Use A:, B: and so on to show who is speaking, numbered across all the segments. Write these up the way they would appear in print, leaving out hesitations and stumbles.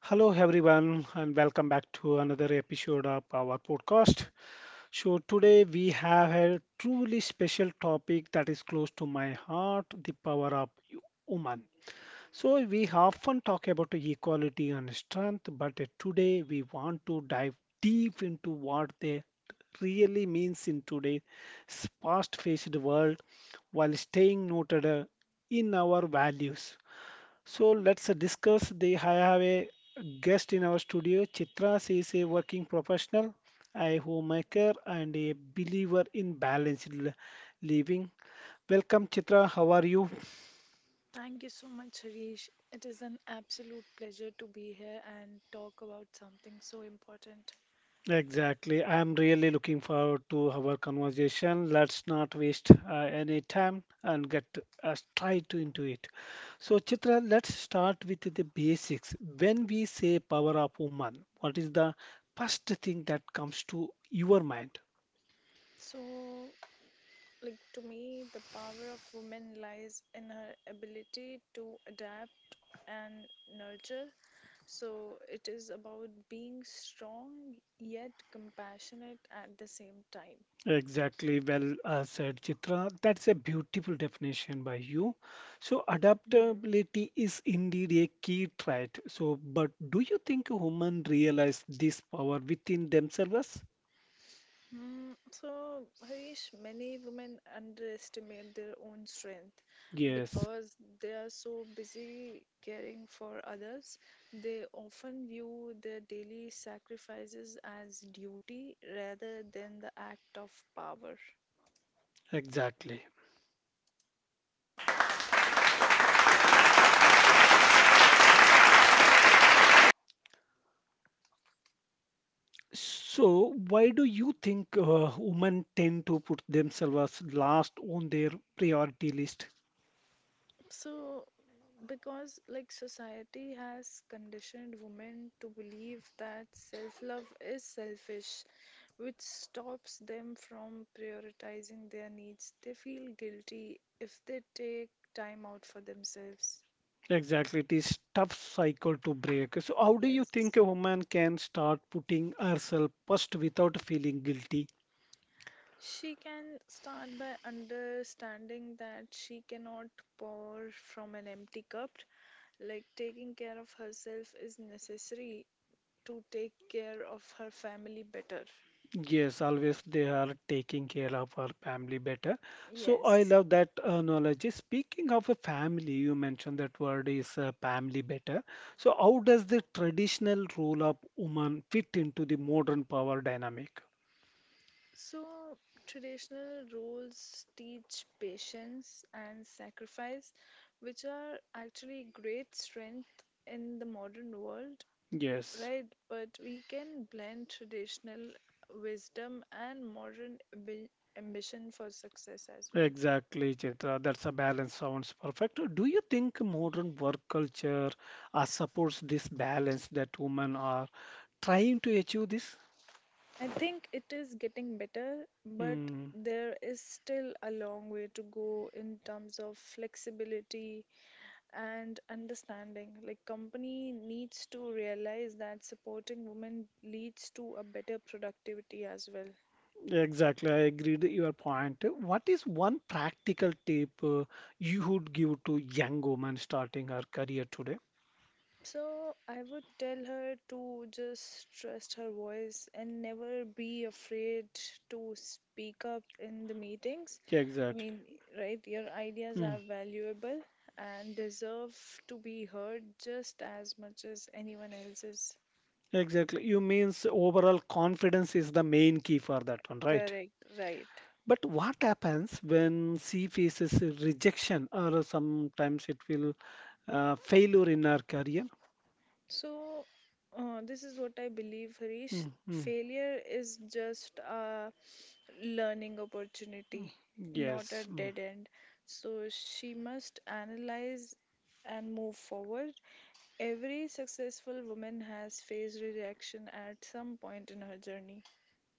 A: Hello, everyone, and welcome back to another episode of our podcast. So, today we have a truly special topic that is close to my heart the power of woman. So, we often talk about equality and strength, but today we want to dive deep into what they really means in today's fast-paced world while staying noted in our values. So let's discuss the. I have a guest in our studio, Chitra. She is a working professional, a homemaker, and a believer in balanced living. Welcome, Chitra. How are you?
B: Thank you so much, Harish. It is an absolute pleasure to be here and talk about something so important.
A: Exactly. I'm really looking forward to our conversation. Let's not waste any time and get straight into it. So, Chitra, let's start with the basics. When we say power of woman, what is the first thing that comes to your mind?
B: So, like, to me, the power of women lies in her ability to adapt and nurture. So, it is about being strong yet compassionate at the same time.
A: Exactly, well said, Chitra. That's a beautiful definition by you. So, adaptability is indeed a key trait. So, but do you think humans realize this power within themselves?
B: So, Harish, many women underestimate their own strength
A: Yes,
B: because they are so busy caring for others. They often view their daily sacrifices as duty rather than the act of power.
A: exactly. So, why do you think women tend to put themselves last on their priority list?
B: So, because like society has conditioned women to believe that self love is selfish which stops them from prioritizing their needs. They feel guilty if they take time out for themselves.
A: Exactly, it is tough cycle to break. So, how do you
B: Yes.
A: think a woman can start putting herself first without feeling guilty?
B: She can start by understanding that she cannot pour from an empty cup. Like taking care of herself is necessary to take care of her family better.
A: Yes, always they are taking care of our family better. So I
B: Yes.
A: love that analogy. Speaking of a family, you mentioned that word is family better. So how does the traditional role of woman fit into the modern power dynamic?
B: So, traditional roles teach patience and sacrifice, which are actually great strength in the modern world,
A: Yes,
B: right? But we can blend traditional wisdom and modern ambition for success as well.
A: exactly, Chitra. That's a balance. Sounds perfect. Do you think modern work culture supports this balance that women are trying to achieve this?
B: I think it is getting better, but
A: Hmm.
B: there is still a long way to go in terms of flexibility and understanding. Like, company needs to realize that supporting women leads to a better productivity as well.
A: Exactly, I agreed with your point. What is one practical tip you would give to young woman starting her career today?
B: So, I would tell her to just trust her voice and never be afraid to speak up in the meetings. I
A: Exactly.
B: mean, right, your ideas
A: Mm,
B: are valuable and deserve to be heard just as much as anyone else's.
A: exactly. You means overall confidence is the main key for that one, right?
B: Correct, right.
A: But what happens when she faces a rejection or sometimes it will failure in her career?
B: So, this is what I believe, Harish.
A: Mm, mm.
B: Failure is just a learning opportunity, not a
A: Yes, mm.
B: dead end. So, she must analyze and move forward. Every successful woman has faced rejection at some point in her journey.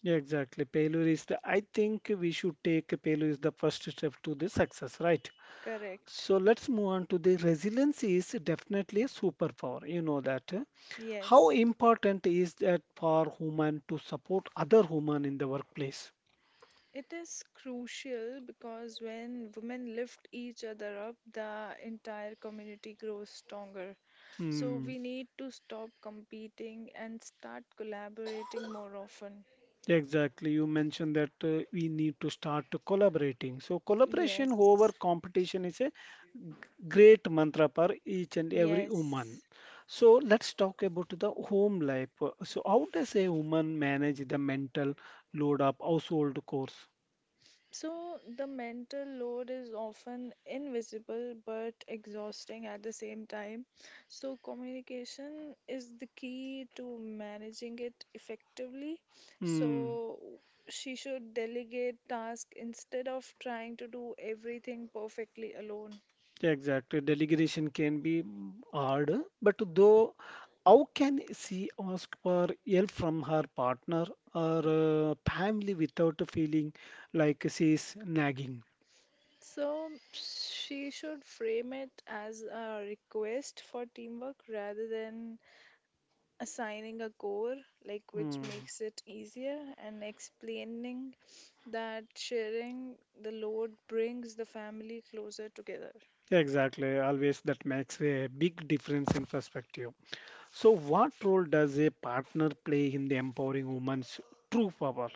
A: Yeah, exactly. Failure is the, I think we should take failure is the first step to the success, right?
B: Correct.
A: So let's move on to the resilience is definitely a superpower. You know that. Eh? How
B: Yes.
A: important is that for human to support other human in the workplace?
B: It is crucial because when women lift each other up, the entire community grows stronger. So
A: Hmm,
B: we need to stop competing and start collaborating more often.
A: exactly. You mentioned that we need to start to collaborating. So collaboration over
B: Yes,
A: competition is a great mantra for each and every woman.
B: yes.
A: So let's talk about the home life. So how does a woman manage the mental load of household chores?
B: So, the mental load is often invisible but exhausting at the same time. So, communication is the key to managing it effectively.
A: Hmm.
B: So, she should delegate tasks instead of trying to do everything perfectly alone.
A: Yeah, exactly. Delegation can be hard, but though, how can she ask for help from her partner or family without feeling like she's nagging?
B: So, she should frame it as a request for teamwork rather than assigning a core, like, which
A: Hmm.
B: makes it easier, and explaining that sharing the load brings the family closer together.
A: Yeah, exactly. Always that makes a big difference in perspective. So, what role does a partner play in the empowering woman's true power?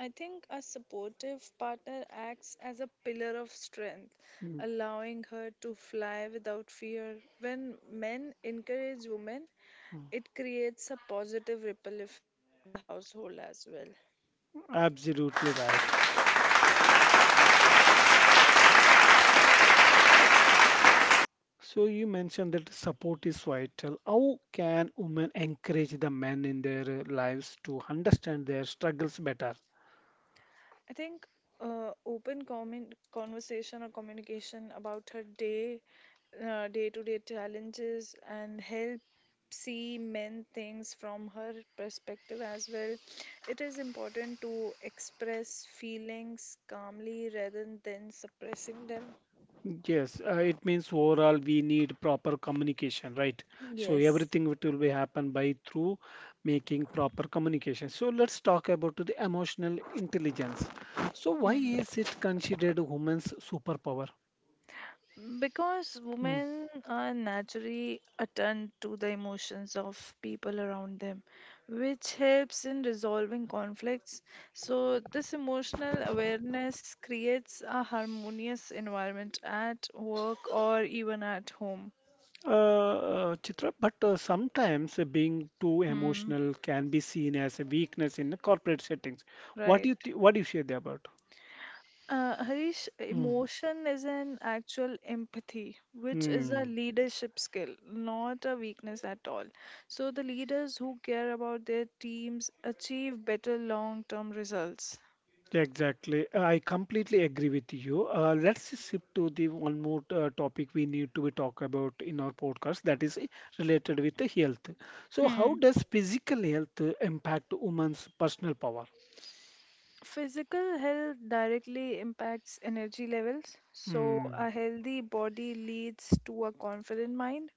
B: I think a supportive partner acts as a pillar of strength,
A: Mm,
B: allowing her to fly without fear. When men encourage women,
A: mm.
B: it creates a positive ripple effect in the household as well.
A: Absolutely right. So you mentioned that support is vital. How can women encourage the men in their lives to understand their struggles better?
B: I think open comment conversation or communication about her day, day-to-day challenges, and help see men things from her perspective as well. It is important to express feelings calmly rather than suppressing them.
A: Yes, it means overall we need proper communication, right? So
B: Yes.
A: everything it will be happen by through making proper communication. So let's talk about the emotional intelligence. So why is it considered women's superpower?
B: Because
A: Hmm.
B: women are naturally attuned to the emotions of people around them, which helps in resolving conflicts. So, this emotional awareness creates a harmonious environment at work or even at home.
A: Chitra, but sometimes being too
B: Hmm,
A: emotional can be seen as a weakness in the corporate settings. What do
B: right.
A: you th what do you share there about?
B: Harish,
A: Mm.
B: emotion is an actual empathy, which is a
A: Hmm.
B: leadership skill, not a weakness at all. So, the leaders who care about their teams achieve better long term results.
A: Exactly. I completely agree with you. Let's shift to the one more topic we need to be talk about in our podcast that is related with the health. So, how
B: Hmm.
A: does physical health impact women's personal power?
B: Physical health directly impacts energy levels. So,
A: Hmm.
B: a healthy body leads to a confident mind.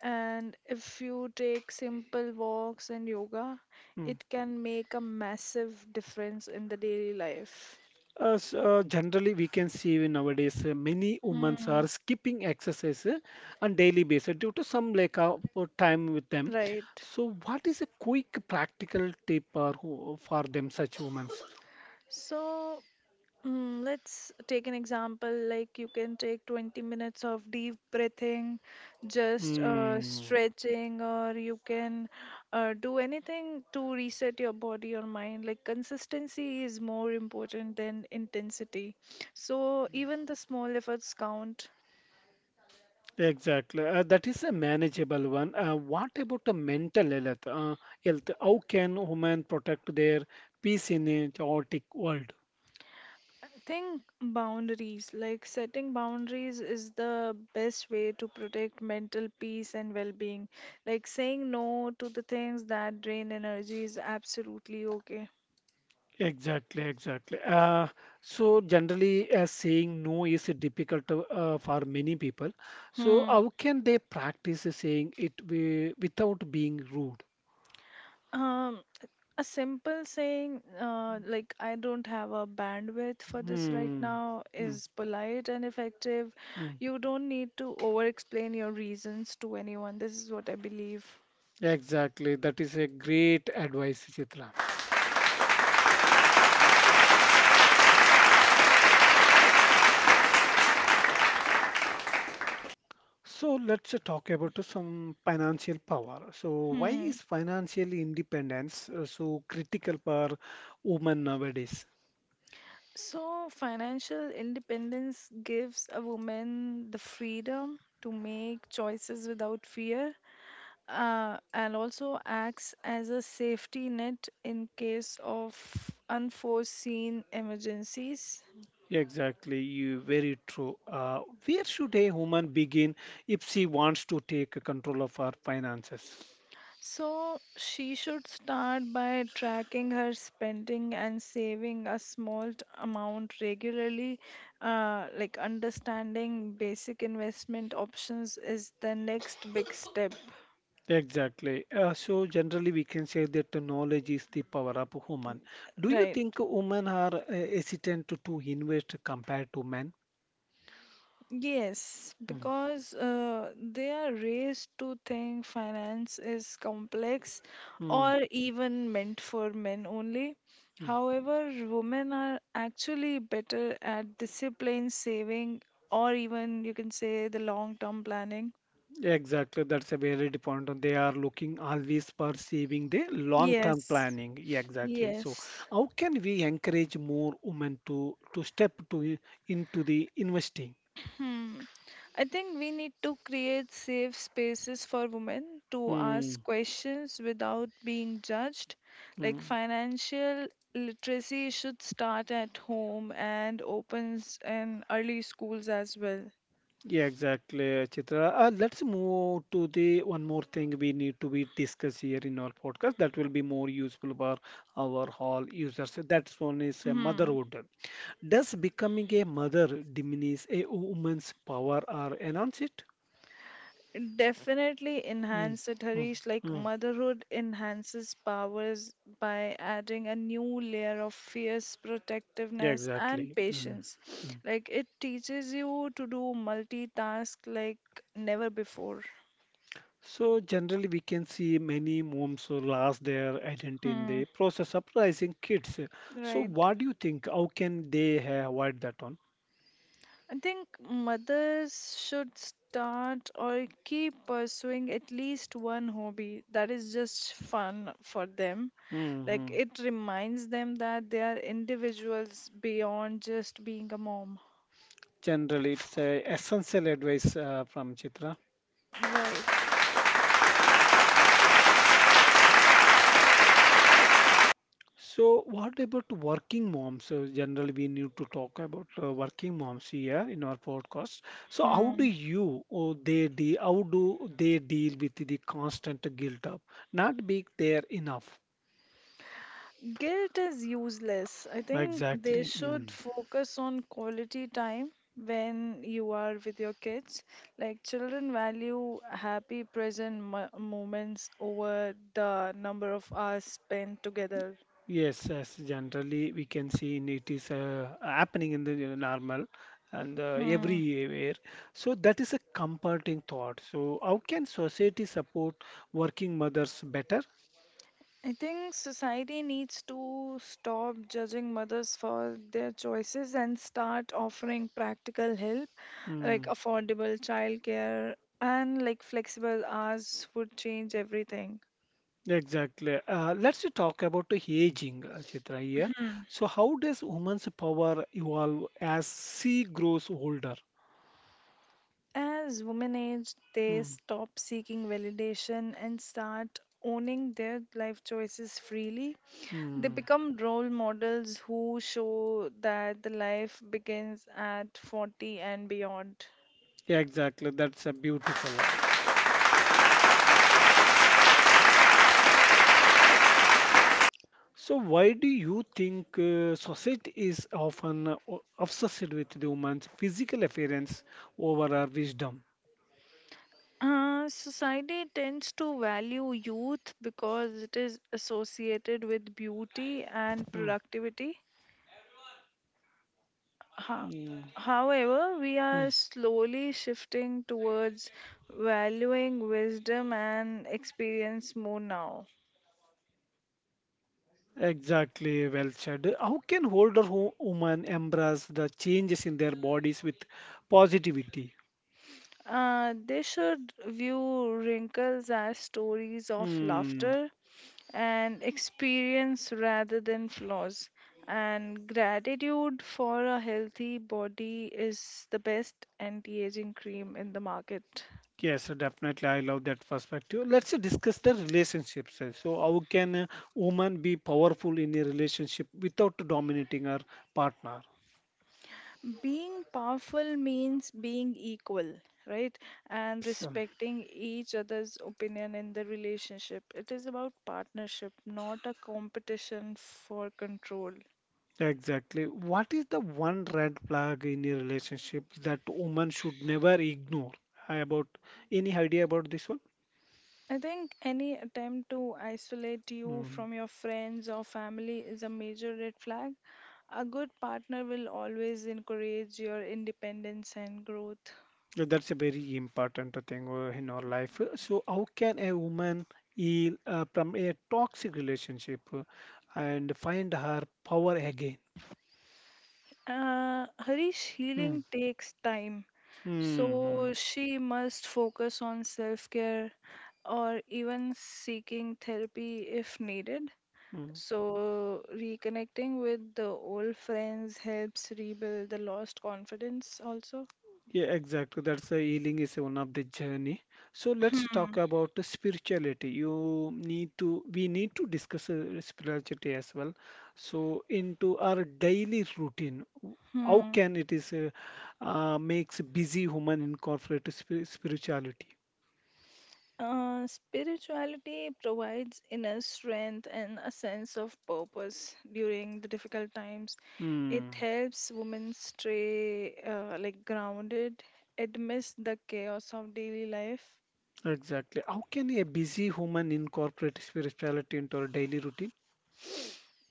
B: And if you take simple walks and yoga,
A: Hmm.
B: it can make a massive difference in the daily life.
A: Generally, we can see in nowadays many women
B: Mm,
A: are skipping exercise on daily basis due to some lack of time with them.
B: right.
A: So, what is a quick practical tip or for them such women?
B: So let's take an example, like, you can take 20 minutes of deep breathing, just
A: Hmm,
B: stretching, or you can do anything to reset your body or mind. Like, consistency is more important than intensity. So even the small efforts count.
A: exactly. That is a manageable one. What about the mental health? Health? How can women protect their peace in a chaotic world?
B: I think boundaries, like setting boundaries, is the best way to protect mental peace and well being. Like saying no to the things that drain energy is absolutely okay.
A: Exactly, exactly. So generally, saying no is difficult to, for many people. So
B: Hmm.
A: how can they practice saying it without being rude?
B: Um, a simple saying, like, I don't have a bandwidth for this right
A: Hmm.
B: now,
A: Hmm.
B: is polite and effective.
A: Hmm.
B: You don't need to over explain your reasons to anyone. This is what I believe.
A: Exactly. That is a great advice, Chitra. So let's talk about some financial power. So why
B: Hmm.
A: is financial independence so critical for women nowadays?
B: So, financial independence gives a woman the freedom to make choices without fear, and also acts as a safety net in case of unforeseen emergencies.
A: Exactly, you very true. Where should a woman begin if she wants to take control of her finances?
B: So, she should start by tracking her spending and saving a small amount regularly. Like, understanding basic investment options is the next big step.
A: Exactly. So generally, we can say that the knowledge is the power of a woman. Do you
B: Right.
A: think women are hesitant to invest compared to men?
B: Yes,
A: Mm,
B: because they are raised to think finance is complex
A: mm,
B: or even meant for men only.
A: mm.
B: However, women are actually better at discipline, saving, or even you can say the long-term planning.
A: Exactly, that's a very good point. And they are looking always perceiving the long-term
B: Yes,
A: planning. Yeah, exactly. So,
B: yes.
A: how can we encourage more women to step to into the investing?
B: Hmm. I think we need to create safe spaces for women to
A: Mm,
B: ask questions without being judged. Like,
A: mm.
B: financial literacy should start at home and opens in early schools as well.
A: Yeah, exactly, Chitra. Let's move to the one more thing we need to be discuss here in our podcast that will be more useful for our all users. That's one is motherhood. Does becoming a mother diminish a woman's power or enhance it?
B: Definitely
A: Mm,
B: enhance it,
A: mm,
B: Harish. Like,
A: mm.
B: motherhood enhances powers by adding a new layer of fierce
A: Yeah,
B: protectiveness and
A: exactly. Mm,
B: patience.
A: mm.
B: Like it teaches you to do multitask like never before.
A: So generally, we can see many moms who lost their identity in
B: Hmm,
A: the process of raising kids. So
B: right.
A: what do you think? How can they avoid that one?
B: I think mothers should start or keep pursuing at least one hobby that is just fun for them. Like
A: Hmm.
B: it reminds them that they are individuals beyond just being a mom.
A: Generally, it's a essential advice from Chitra.
B: Right.
A: So, what about working moms? So, generally, we need to talk about working moms here in our podcast. So, how do
B: Hmm.
A: you or they de how do they deal with the constant guilt of not being there enough?
B: Guilt is useless. I think they
A: Exactly.
B: should
A: Mm.
B: focus on quality time when you are with your kids. Like, children value happy present moments over the number of hours spent together.
A: Yes, yes. Generally, we can see in it is happening in the normal and
B: Hmm.
A: everywhere. So that is a comforting thought. So, how can society support working mothers better?
B: I think society needs to stop judging mothers for their choices and start offering practical help, like
A: Mm.
B: affordable childcare and like flexible hours would change everything.
A: Exactly. Let's talk about the aging, Chitra, here. So, how does women's power evolve as she grows older?
B: As women age, they
A: Hmm.
B: stop seeking validation and start owning their life choices freely. They
A: Hmm.
B: become role models who show that the life begins at 40 and beyond.
A: Yeah, exactly. That's a beautiful. So, why do you think society is often obsessed with the woman's physical appearance over her wisdom?
B: Society tends to value youth because it is associated with beauty and
A: Hmm.
B: productivity. Ho-
A: Yeah.
B: However, we
A: Hmm.
B: are slowly shifting towards valuing wisdom and experience more now.
A: Exactly, well said. How can older women embrace the changes in their bodies with positivity?
B: They should view wrinkles as stories of
A: Hmm.
B: laughter and experience rather than flaws. And gratitude for a healthy body is the best anti aging cream in the market.
A: Yes, so definitely. I love that perspective. Let's discuss the relationships. So, how can a woman be powerful in a relationship without dominating her partner?
B: Being powerful means being equal, right? And
A: Yes,
B: respecting each other's opinion in the relationship. It is about partnership, not a competition for control.
A: exactly. What is the one red flag in a relationship that woman should never ignore? How about any idea about this one?
B: I think any attempt to isolate you
A: Hmm.
B: from your friends or family is a major red flag. A good partner will always encourage your independence and growth.
A: Yeah, that's a very important thing in our life. So, how can a woman heal from a toxic relationship and find her power again?
B: Harish,
A: Mm.
B: healing takes time,
A: Mm,
B: so
A: mm,
B: she must focus on self care, or even seeking therapy if needed.
A: mm.
B: So, reconnecting with the old friends helps rebuild the lost confidence also.
A: Yeah, exactly. That's the healing is one of the journey. So let's
B: Hmm.
A: talk about the spirituality. We need to discuss spirituality as well. So into our daily routine, how
B: Hmm.
A: can it is makes busy woman incorporate spirituality?
B: Spirituality provides inner strength and a sense of purpose during the difficult times. It
A: Hmm,
B: helps women stay like grounded amidst the chaos of daily life.
A: exactly. How can a busy human incorporate spirituality into our daily routine?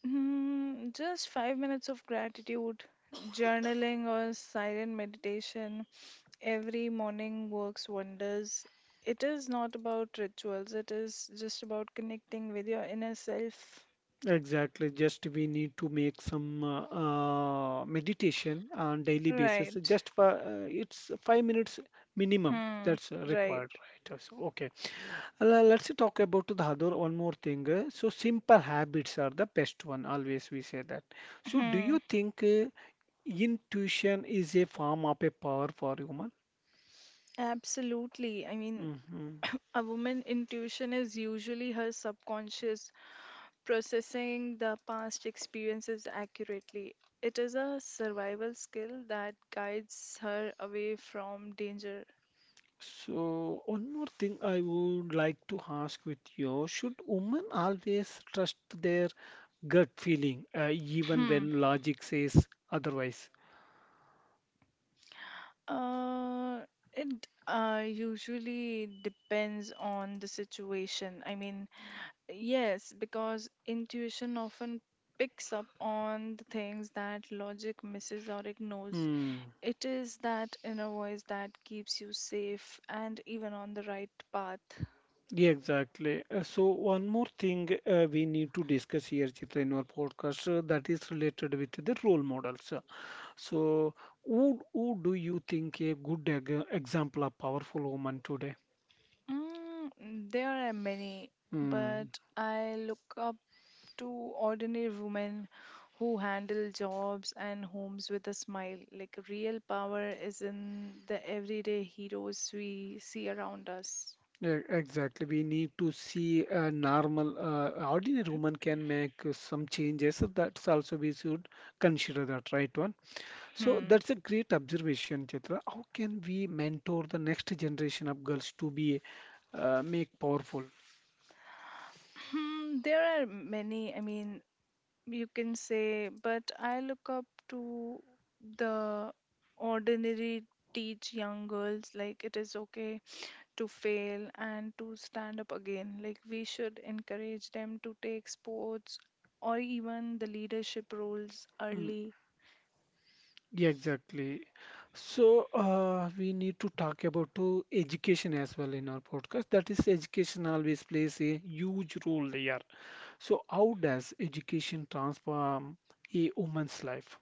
B: Hmm, just 5 minutes of gratitude, journaling, or silent meditation every morning works wonders. It is not about rituals, it is just about connecting with your inner self.
A: Exactly. Just we need to make some meditation on daily basis.
B: Right.
A: Just for it's 5 minutes minimum
B: Hmm.
A: that's
B: Right.
A: required, right? So, okay. Uh, Let's talk about the other one more thing. So simple habits are the best one. Always we say that. So do
B: Hmm.
A: you think intuition is a form of a power for human?
B: Absolutely. I mean,
A: Hmm.
B: a woman intuition is usually her subconscious processing the past experiences accurately. It is a survival skill that guides her away from danger.
A: So, one more thing I would like to ask with you. Should women always trust their gut feeling, even
B: Hmm.
A: when logic says otherwise?
B: Uh, it usually depends on the situation. I mean, yes, because intuition often picks up on the things that logic misses or ignores.
A: Hmm.
B: It is that inner voice that keeps you safe and even on the right path.
A: Yeah, exactly. So, one more thing we need to discuss here, Chitra, in our podcast that is related with the role models. So, who do you think a good example of powerful woman today?
B: Mm, there are many,
A: Hmm.
B: but I look up to ordinary women who handle jobs and homes with a smile. Like, real power is in the everyday heroes we see around us.
A: Yeah, exactly. We need to see a normal, ordinary woman can make some changes. So that's also we should consider that, right one? So
B: Hmm.
A: that's a great observation, Chitra. How can we mentor the next generation of girls to be make powerful?
B: Hmm. There are many, I mean, you can say, but I look up to the ordinary. Teach young girls like it is okay to fail and to stand up again. Like, we should encourage them to take sports or even the leadership roles
A: Mm,
B: early.
A: yeah, exactly. So we need to talk about to education as well in our podcast. That is, education always plays a huge role there. So how does education transform a woman's life?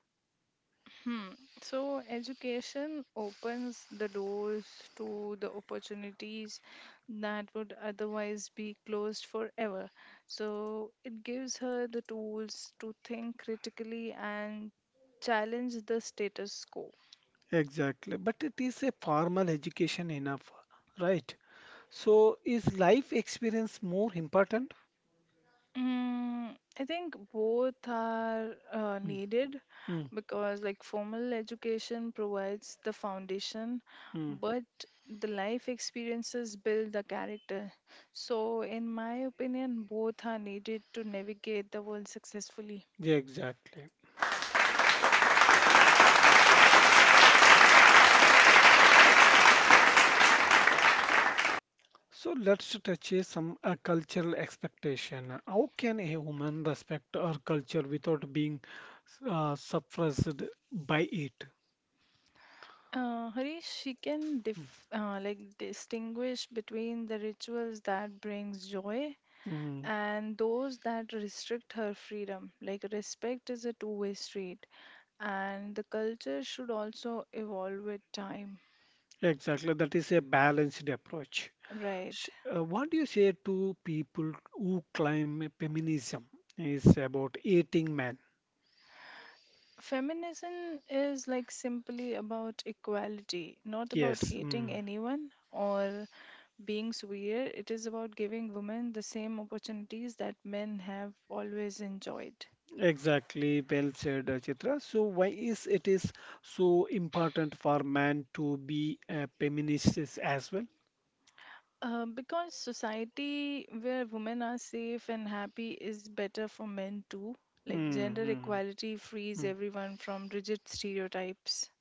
B: Hmm. So education opens the doors to the opportunities that would otherwise be closed forever. So it gives her the tools to think critically and challenge the status quo.
A: Exactly, but it is a formal education enough, right? So, is life experience more important?
B: Mm, I think both are
A: Mm,
B: needed
A: mm,
B: because, like, formal education provides the foundation,
A: mm.
B: but the life experiences build the character. So, in my opinion, both are needed to navigate the world successfully.
A: Yeah, exactly. So, let's touch on some cultural expectation. How can a woman respect her culture without being suppressed by it?
B: Harish, she can like, distinguish between the rituals that brings joy
A: Mm,
B: and those that restrict her freedom. Like, respect is a two-way street, and the culture should also evolve with time.
A: exactly. That is a balanced approach.
B: Right.
A: Sh- What do you say to people who claim feminism is about eating?
B: Feminism is like simply about equality, not about
A: Yes,
B: hating
A: mm,
B: anyone or being severe. It is about giving women the same opportunities that men have always enjoyed.
A: exactly. Well said, Chitra. So why is it is so important for man to be a feminist is as well?
B: Because society where women are safe and happy is better for men too. Like, gender
A: Mm-hmm.
B: equality frees everyone from rigid stereotypes.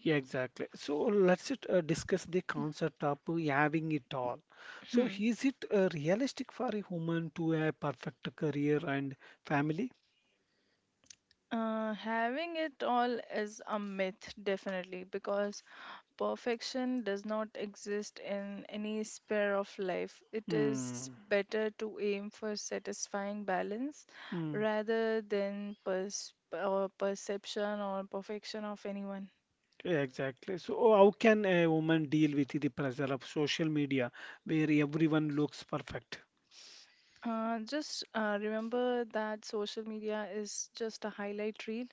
A: Yeah, exactly. So let's just, discuss the concept of having it all. So
B: Hmm.
A: is it realistic for a woman to have perfect career and family?
B: Having it all is a myth, definitely, because perfection does not exist in any sphere of life. It is
A: Hmm,
B: better to aim for satisfying balance
A: mm,
B: rather than pers- or perception or perfection of anyone.
A: yeah, exactly. So, how can a woman deal with the pressure of social media where everyone looks perfect?
B: Just remember that social media is just a highlight reel,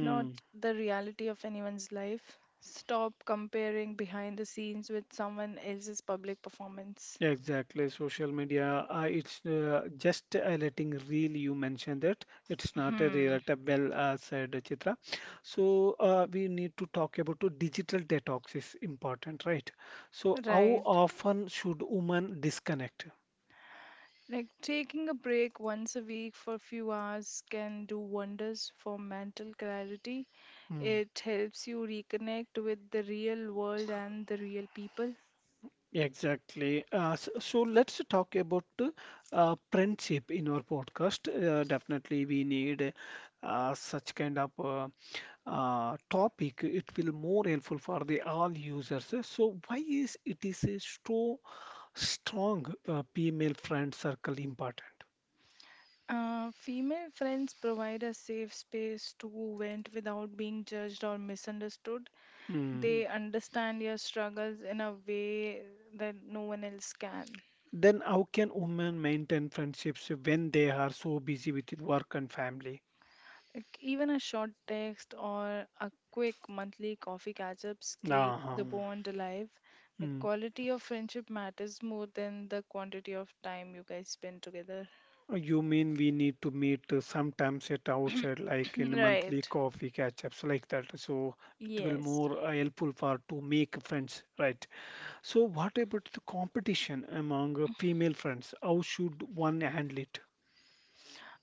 B: not the reality of anyone's life. Stop comparing behind the scenes with someone else's public performance.
A: Exactly, social media. It's just a letting reel. You mentioned that it's not a
B: Hmm.
A: relatable. Well, said, Chitra. So we need to talk about to digital detox is important, right? So how
B: Right.
A: often should women disconnect?
B: Like, taking a break once a week for a few hours can do wonders for mental clarity.
A: Hmm.
B: It helps you reconnect with the real world and the real people.
A: Exactly. So let's talk about friendship in our podcast. Definitely, we need such kind of topic, it will more helpful for the all users. So why is it is a strong female friend circle important?
B: Female friends provide a safe space to vent without being judged or misunderstood.
A: Hmm.
B: They understand your struggles in a way that no one else can.
A: Then how can women maintain friendships when they are so busy with work and family?
B: Like, even a short text or a quick monthly coffee catch ups keep
A: Uh-huh.
B: the bond alive. The
A: Hmm.
B: quality of friendship matters more than the quantity of time you guys spend together.
A: You mean we need to meet sometimes at outside, like in monthly
B: Right.
A: coffee catch-ups, like that. So it will
B: Yes.
A: more helpful for to make friends, right? So, what about the competition among female friends? How should one handle it?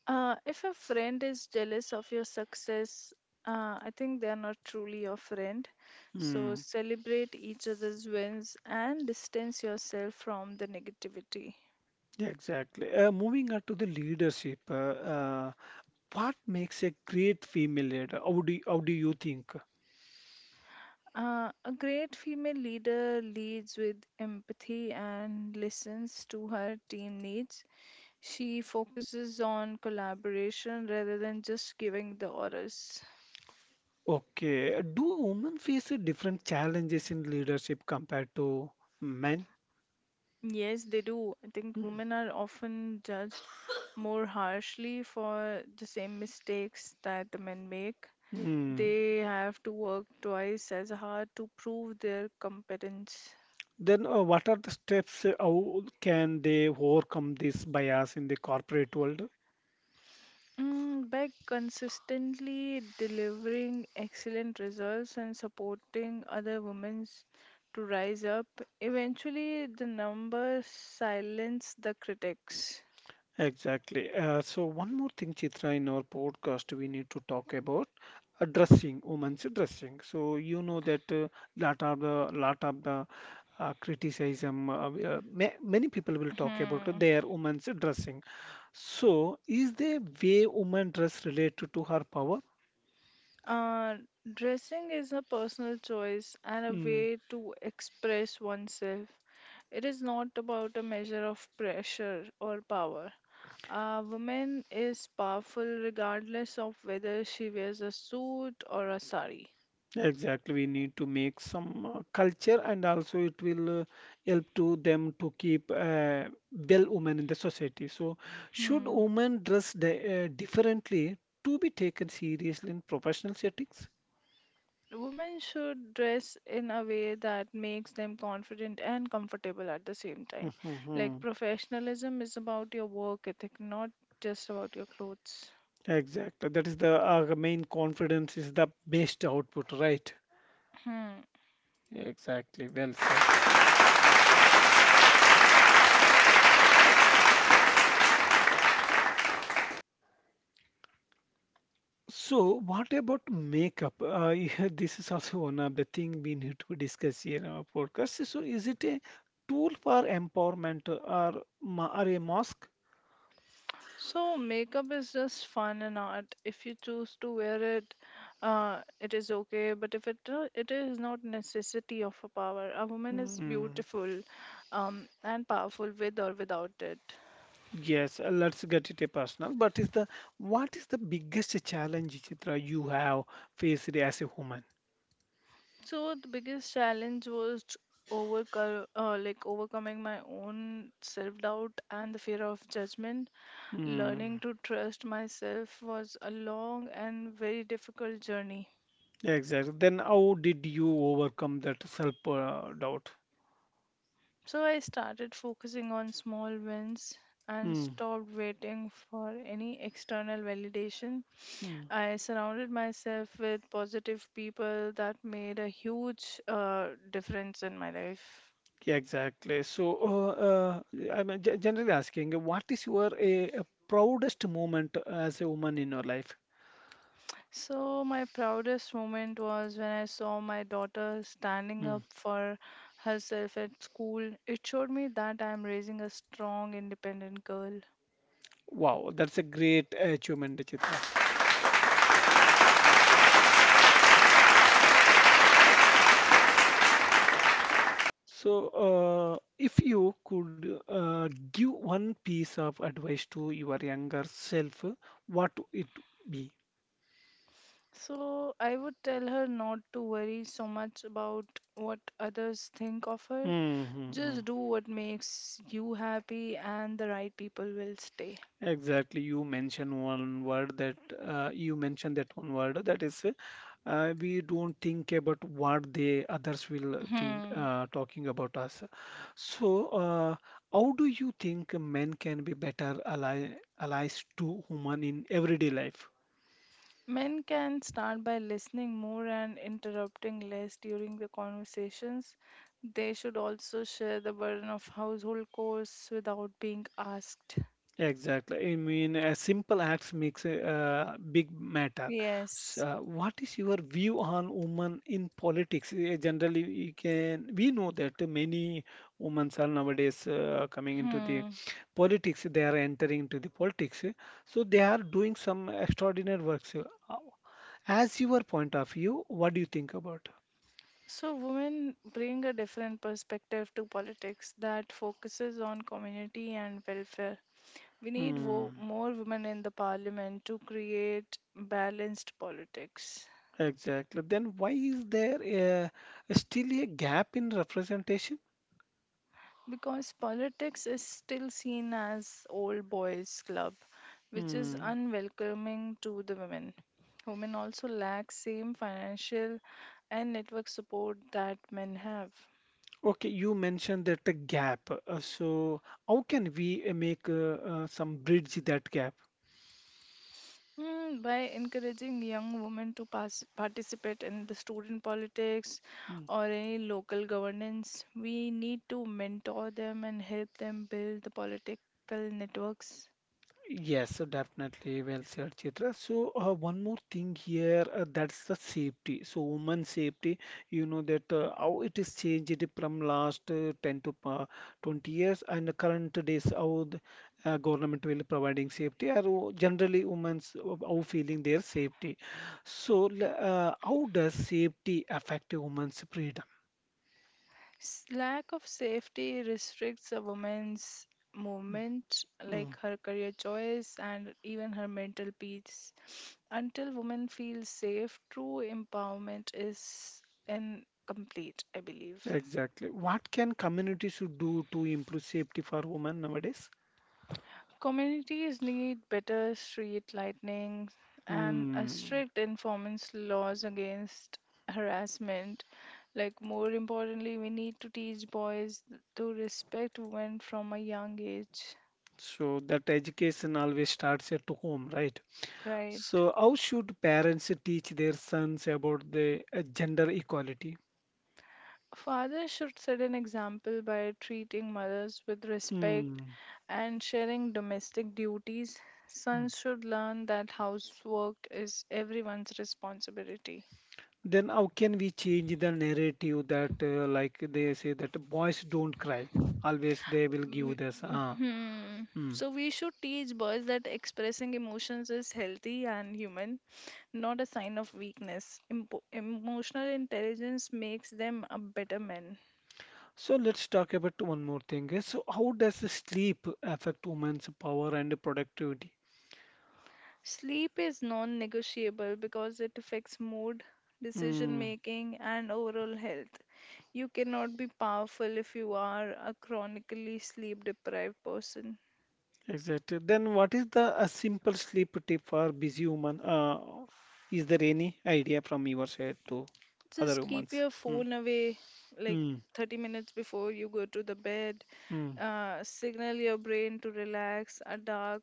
B: If a friend is jealous of your success, I think they are not truly your friend. So
A: Hmm.
B: celebrate each other's wins and distance yourself from the negativity.
A: Yeah, exactly. Moving on to the leadership, uh, what makes a great female leader? How do you think?
B: A great female leader leads with empathy and listens to her team needs. She focuses on collaboration rather than just giving the orders.
A: Okay, do women face different challenges in leadership compared to men?
B: Yes, they do. I think
A: Hmm.
B: women are often judged more harshly for the same mistakes that the men make.
A: Hmm.
B: They have to work twice as hard to prove their competence.
A: Then, what are the steps? How can they overcome this bias in the corporate world?
B: By consistently delivering excellent results and supporting other women to rise up, eventually the numbers silence the critics.
A: Exactly. So one more thing, Chitra, in our podcast, we need to talk about addressing women's dressing. So you know that lot of the criticism, ma many people will talk about
B: Hmm.
A: their women's dressing. So is the way women dress related to her power?
B: Uh, Dressing is a personal choice and a
A: Hmm.
B: way to express oneself. It is not about a measure of pressure or power. A woman is powerful regardless of whether she wears a suit or a sari.
A: Exactly, we need to make some culture, and also it will help to them to keep well women in the society. So, should
B: Hmm.
A: women dress di differently to be taken seriously in professional settings?
B: Women should dress in a way that makes them confident and comfortable at the same time. Like
A: Mhm.
B: professionalism is about your work ethic, not just about your clothes.
A: Exactly. That is the main confidence is the best output, right?
B: Hmm.
A: Exactly. Well said. So, what about makeup? Yeah, this is also one of the thing we need to discuss here in our podcast. So, is it a tool for empowerment or, or a mask?
B: So makeup is just fun and art. If you choose to wear it, it is okay. But if it it is not necessity of a power, a woman is
A: Mm,
B: beautiful, and powerful with or without it.
A: yes, let's get it a personal. But is the what is the biggest challenge, Chitra, you have faced as a woman?
B: So the biggest challenge was to overcome, like overcoming my own self doubt and the fear of judgment.
A: Mm,
B: Learning to trust myself was a long and very difficult journey.
A: exactly. Then, how did you overcome that self doubt?
B: So I started focusing on small wins and
A: Mm,
B: stopped waiting for any external validation.
A: mm.
B: I surrounded myself with positive people that made a huge difference in my life.
A: Yeah, exactly. So, I'm generally asking, what is your proudest moment as a woman in your life?
B: So, my proudest moment was when I saw my daughter standing
A: Mm.
B: up for herself at school. It showed me that I am raising a strong, independent girl.
A: Wow, that's a great achievement, Chitra. So, if you could give one piece of advice to your younger self, what it be?
B: So I would tell her not to worry so much about what others think of her.
A: Mm-hmm.
B: Just do what makes you happy, and the right people will stay.
A: Exactly. You mentioned that one word that is, we don't think about what they others will think
B: Hmm.
A: talking about us. So, how do you think men can be better ally allies to human in everyday life?
B: Men can start by listening more and interrupting less during the conversations. They should also share the burden of household chores without being asked.
A: Exactly. I mean, a simple acts makes a big matter.
B: Yes.
A: So, what is your view on women in politics? Generally, we know that many women are nowadays coming into the
B: Hmm.
A: politics. They are entering into the politics. So they are doing some extraordinary works. So, as your point of view, what do you think about?
B: So, women bring a different perspective to politics that focuses on community and welfare. We need
A: Hmm,
B: more women in the parliament to create balanced politics
A: exactly. Then why is there still a gap in representation?
B: because politics is still seen as old boys' club, which is
A: Hmm.
B: unwelcoming to the women. Women also lack same financial and network support that men have.
A: Okay, you mentioned that the gap. How can we make some bridge that gap?
B: By encouraging young women to participate in the student politics
A: Mm.
B: or any local governance, we need to mentor them and help them build the political networks.
A: Yes, so definitely. Well said, Chitra. So, one more thing here, that's the safety. So, woman safety, you know that how it is changed from last 10 to 20 years and the current days how the government will providing safety or generally women's how feeling their safety. So, how does safety affect women's freedom?
B: Lack of safety restricts a woman's movement, like
A: Mm,
B: her career choice and even her mental peace. Until women feel safe, true empowerment is incomplete, I believe.
A: exactly. What can communities should do to improve safety for women nowadays?
B: Communities need better street lighting and a
A: Hmm.
B: strict enforcement laws against harassment. Like more importantly, we need to teach boys to respect women from a young age,
A: So that education always starts at home, right?
B: right?
A: So how should parents teach their sons about the gender equality?
B: Fathers should set an example by treating mothers with respect
A: Hmm.
B: and sharing domestic duties.
A: Hmm.
B: Sons should learn that housework is everyone's responsibility.
A: Then how can we change the narrative that, like they say that boys don't cry. Always they will give
B: W-
A: this.
B: Hmm.
A: Hmm.
B: So we should teach boys that expressing emotions is healthy and human, not a sign of weakness. Empo Emotional intelligence makes them a better man.
A: So let's talk about one more thing. So how does the sleep affect women's power and productivity?
B: Sleep is non-negotiable because it affects mood, decision
A: Mm,
B: making, and overall health. You cannot be powerful if you are a chronically sleep deprived person.
A: exactly. Then what is the a simple sleep tip for busy woman? Is there any idea from your side to other
B: Just
A: women?
B: keep your
A: Mm,
B: phone away like
A: mm,
B: 30 minutes before you go to the bed
A: mm.
B: uh, signal your brain to relax a dark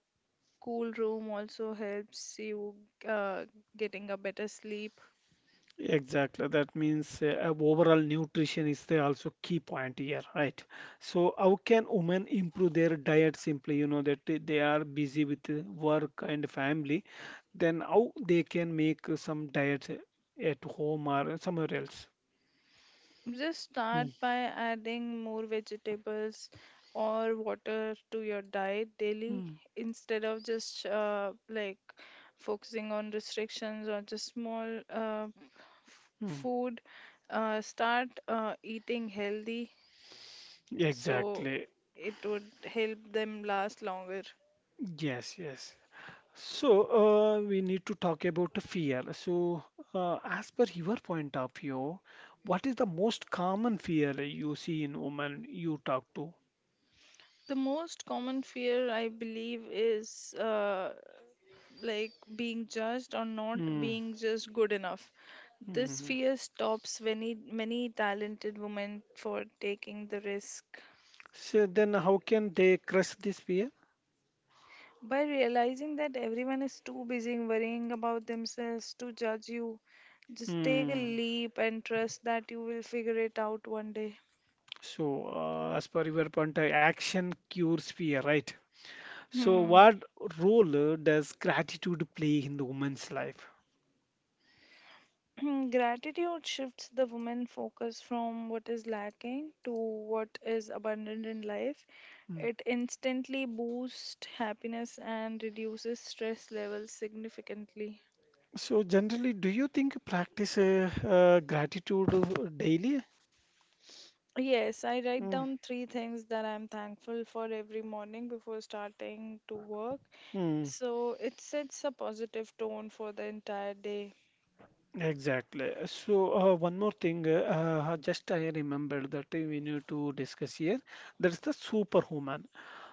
B: cool room also helps you uh, getting a better sleep
A: Exactly. That means, overall nutrition is the also key point here, right? So how can women improve their diet simply? You know that they are busy with work and family. Then how they can make some diets at home or somewhere else.
B: just start
A: Mm,
B: by adding more vegetables or water to your diet daily
A: mm,
B: instead of just focusing on restrictions or just small
A: mm.
B: food. Start eating healthy so
A: Exactly.
B: it would help them last longer.
A: Yes, yes. So, we need to talk about the fear. So, as per your point of view, what is the most common fear you see in women you talk to?
B: The most common fear, I believe, is like being judged or not
A: Mm,
B: being just good enough. This
A: mm.
B: fear stops many, many talented women for taking the risk.
A: So, then how can they crush this fear?
B: By realizing that everyone is too busy worrying about themselves to judge you, just take a
A: Mm.
B: leap and trust that you will figure it out one day.
A: So, as per your point, action cures fear, right? So,
B: Hmm.
A: what role does gratitude play in the woman's life?
B: Gratitude shifts the woman focus from what is lacking to what is abundant in life.
A: Mm.
B: It instantly boosts happiness and reduces stress levels significantly.
A: So, generally, do you think you practice gratitude daily?
B: Yes, I write
A: Mm.
B: down three things that I'm thankful for every morning before starting to work.
A: Mm.
B: So it sets a positive tone for the entire day.
A: Exactly. So, one more thing, just I remembered that we need to discuss here. There's the superwoman.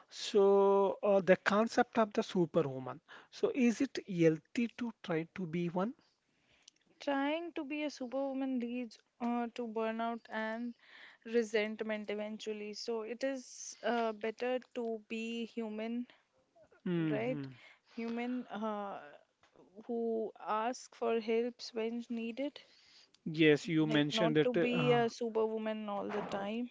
A: So, the concept of the superwoman. So, is it healthy to try to be one?
B: Trying to be a superwoman leads to burnout and resentment eventually. So it is better to be human, right?
A: Hmm.
B: Human who ask for helps when needed.
A: Yes, you
B: Like not
A: mentioned
B: to
A: that.
B: be a superwoman all the time.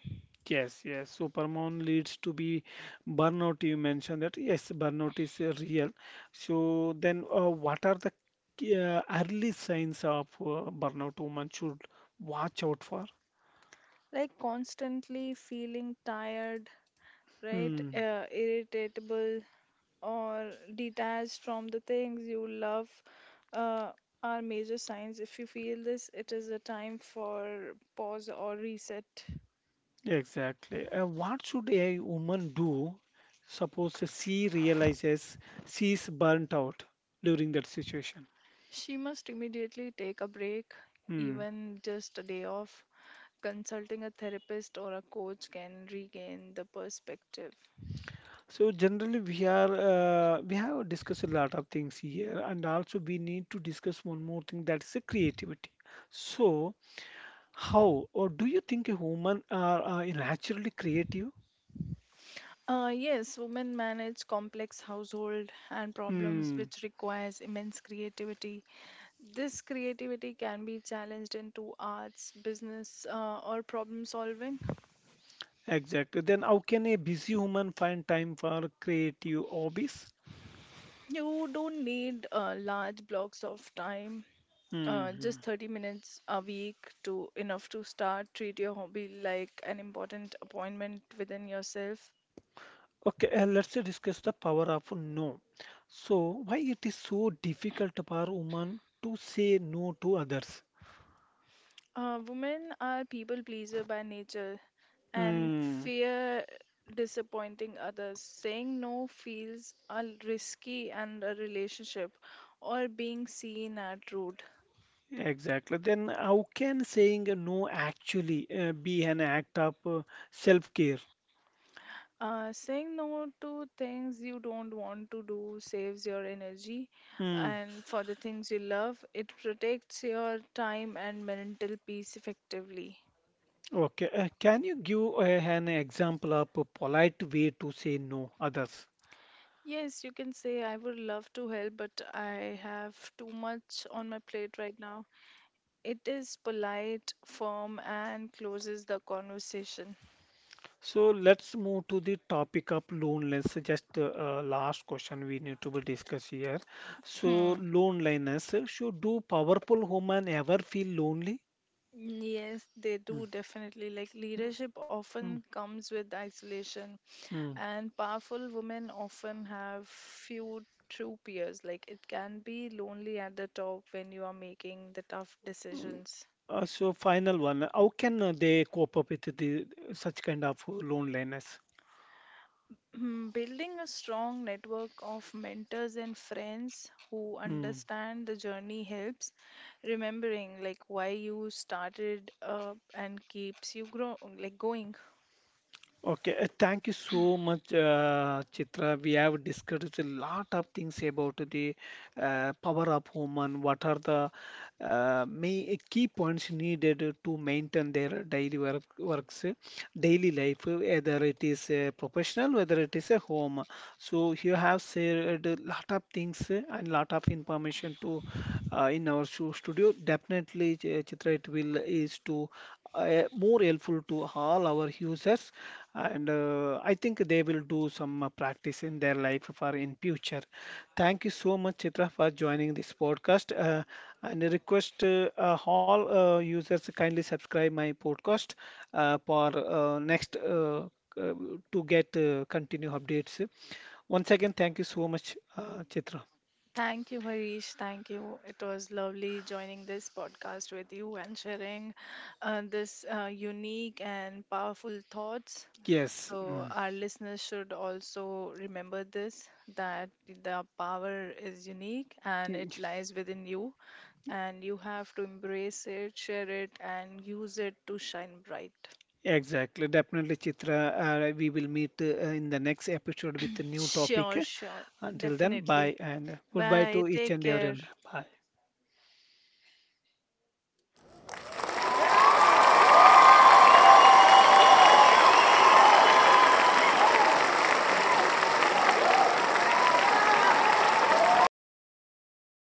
A: Yes, yes. Supermoon leads to be burnout. You mentioned that. Yes, burnout is real. So then, what are the early signs of burnout woman should watch out for?
B: Like constantly feeling tired, right?
A: Hmm,
B: Irritable or detached from the things you love uh, are major signs. If you feel this, it is a time for pause or reset.
A: exactly. What should a woman do? Suppose she realizes she's burnt out during that situation.
B: She must immediately take a break,
A: Hmm.
B: even just a day off. Consulting a therapist or a coach can regain the perspective.
A: So generally we have discussed a lot of things here and also we need to discuss one more thing that's the creativity. So how or do you think a human are naturally creative?
B: Yes, women manage complex household and problems
A: Hmm,
B: which requires immense creativity. This creativity can be challenged into arts, business, or problem solving.
A: exactly. Then how can a busy human find time for creative hobbies?
B: You don't need large blocks of time,
A: Hmm.
B: just 30 minutes a week to enough to start. Treat your hobby like an important appointment within yourself.
A: Okay, let's discuss the power of no. So why it is so difficult for women to say no to others?
B: Women are people pleaser by nature and
A: Hmm.
B: fear disappointing others. Saying no feels a risky and a relationship or being seen at rude.
A: Exactly. Then how can saying no actually be an act of self-care?
B: Saying no to things you don't want to do saves your energy,
A: Hmm.
B: and for the things you love, it protects your time and mental peace effectively.
A: Okay. Can you give an example of a polite way to say no others?
B: Yes, you can say, I would love to help, but I have too much on my plate right now. It is polite, firm, and closes the conversation.
A: So let's move to the topic of loneliness. Just, last question we need to be discuss here. So
B: Hmm.
A: loneliness. So do powerful woman ever feel lonely?
B: Yes, they
A: Hmm.
B: do definitely. Like
A: Hmm.
B: leadership
A: Hmm.
B: often comes with isolation,
A: Hmm.
B: and powerful women often have few true peers. Like it can be lonely at the top when you are making the tough
A: Mm.
B: decisions.
A: So final one, how can they cope up with the such kind of loneliness?
B: Building a strong network of mentors and friends who
A: Hmm.
B: understand the journey helps. Remembering like why you started and keeps you grow like going.
A: Okay, thank you so much, Chitra. We have discussed a lot of things about the power of home and what are the key points needed to maintain their daily life, whether it is a professional, whether it is a home. So you have shared a lot of things, and lot of information to in our show studio. Definitely, Chitra, it will is to more helpful to all our users, and I think they will do some practice in their life for in future. Thank you so much, Chitra, for joining this podcast, and I request all users to kindly subscribe my podcast for next, uh, to get continue updates. Once again, thank you so much, Chitra.
B: Thank you, Harish. Thank you. It was lovely joining this podcast with you and sharing this unique and powerful thoughts.
A: Yes.
B: So our listeners should also remember this that the power is unique and it
A: Mm.
B: lies within you, and you have to embrace it, share it, and use it to shine bright.
A: Exactly, definitely, Chitra. We will meet in the next episode with a new topic.
B: Sure, sure,
A: Until then, bye
B: definitely.
A: and goodbye
B: Bye.
A: to each
B: Take
A: and
B: care.
A: everyone. Bye.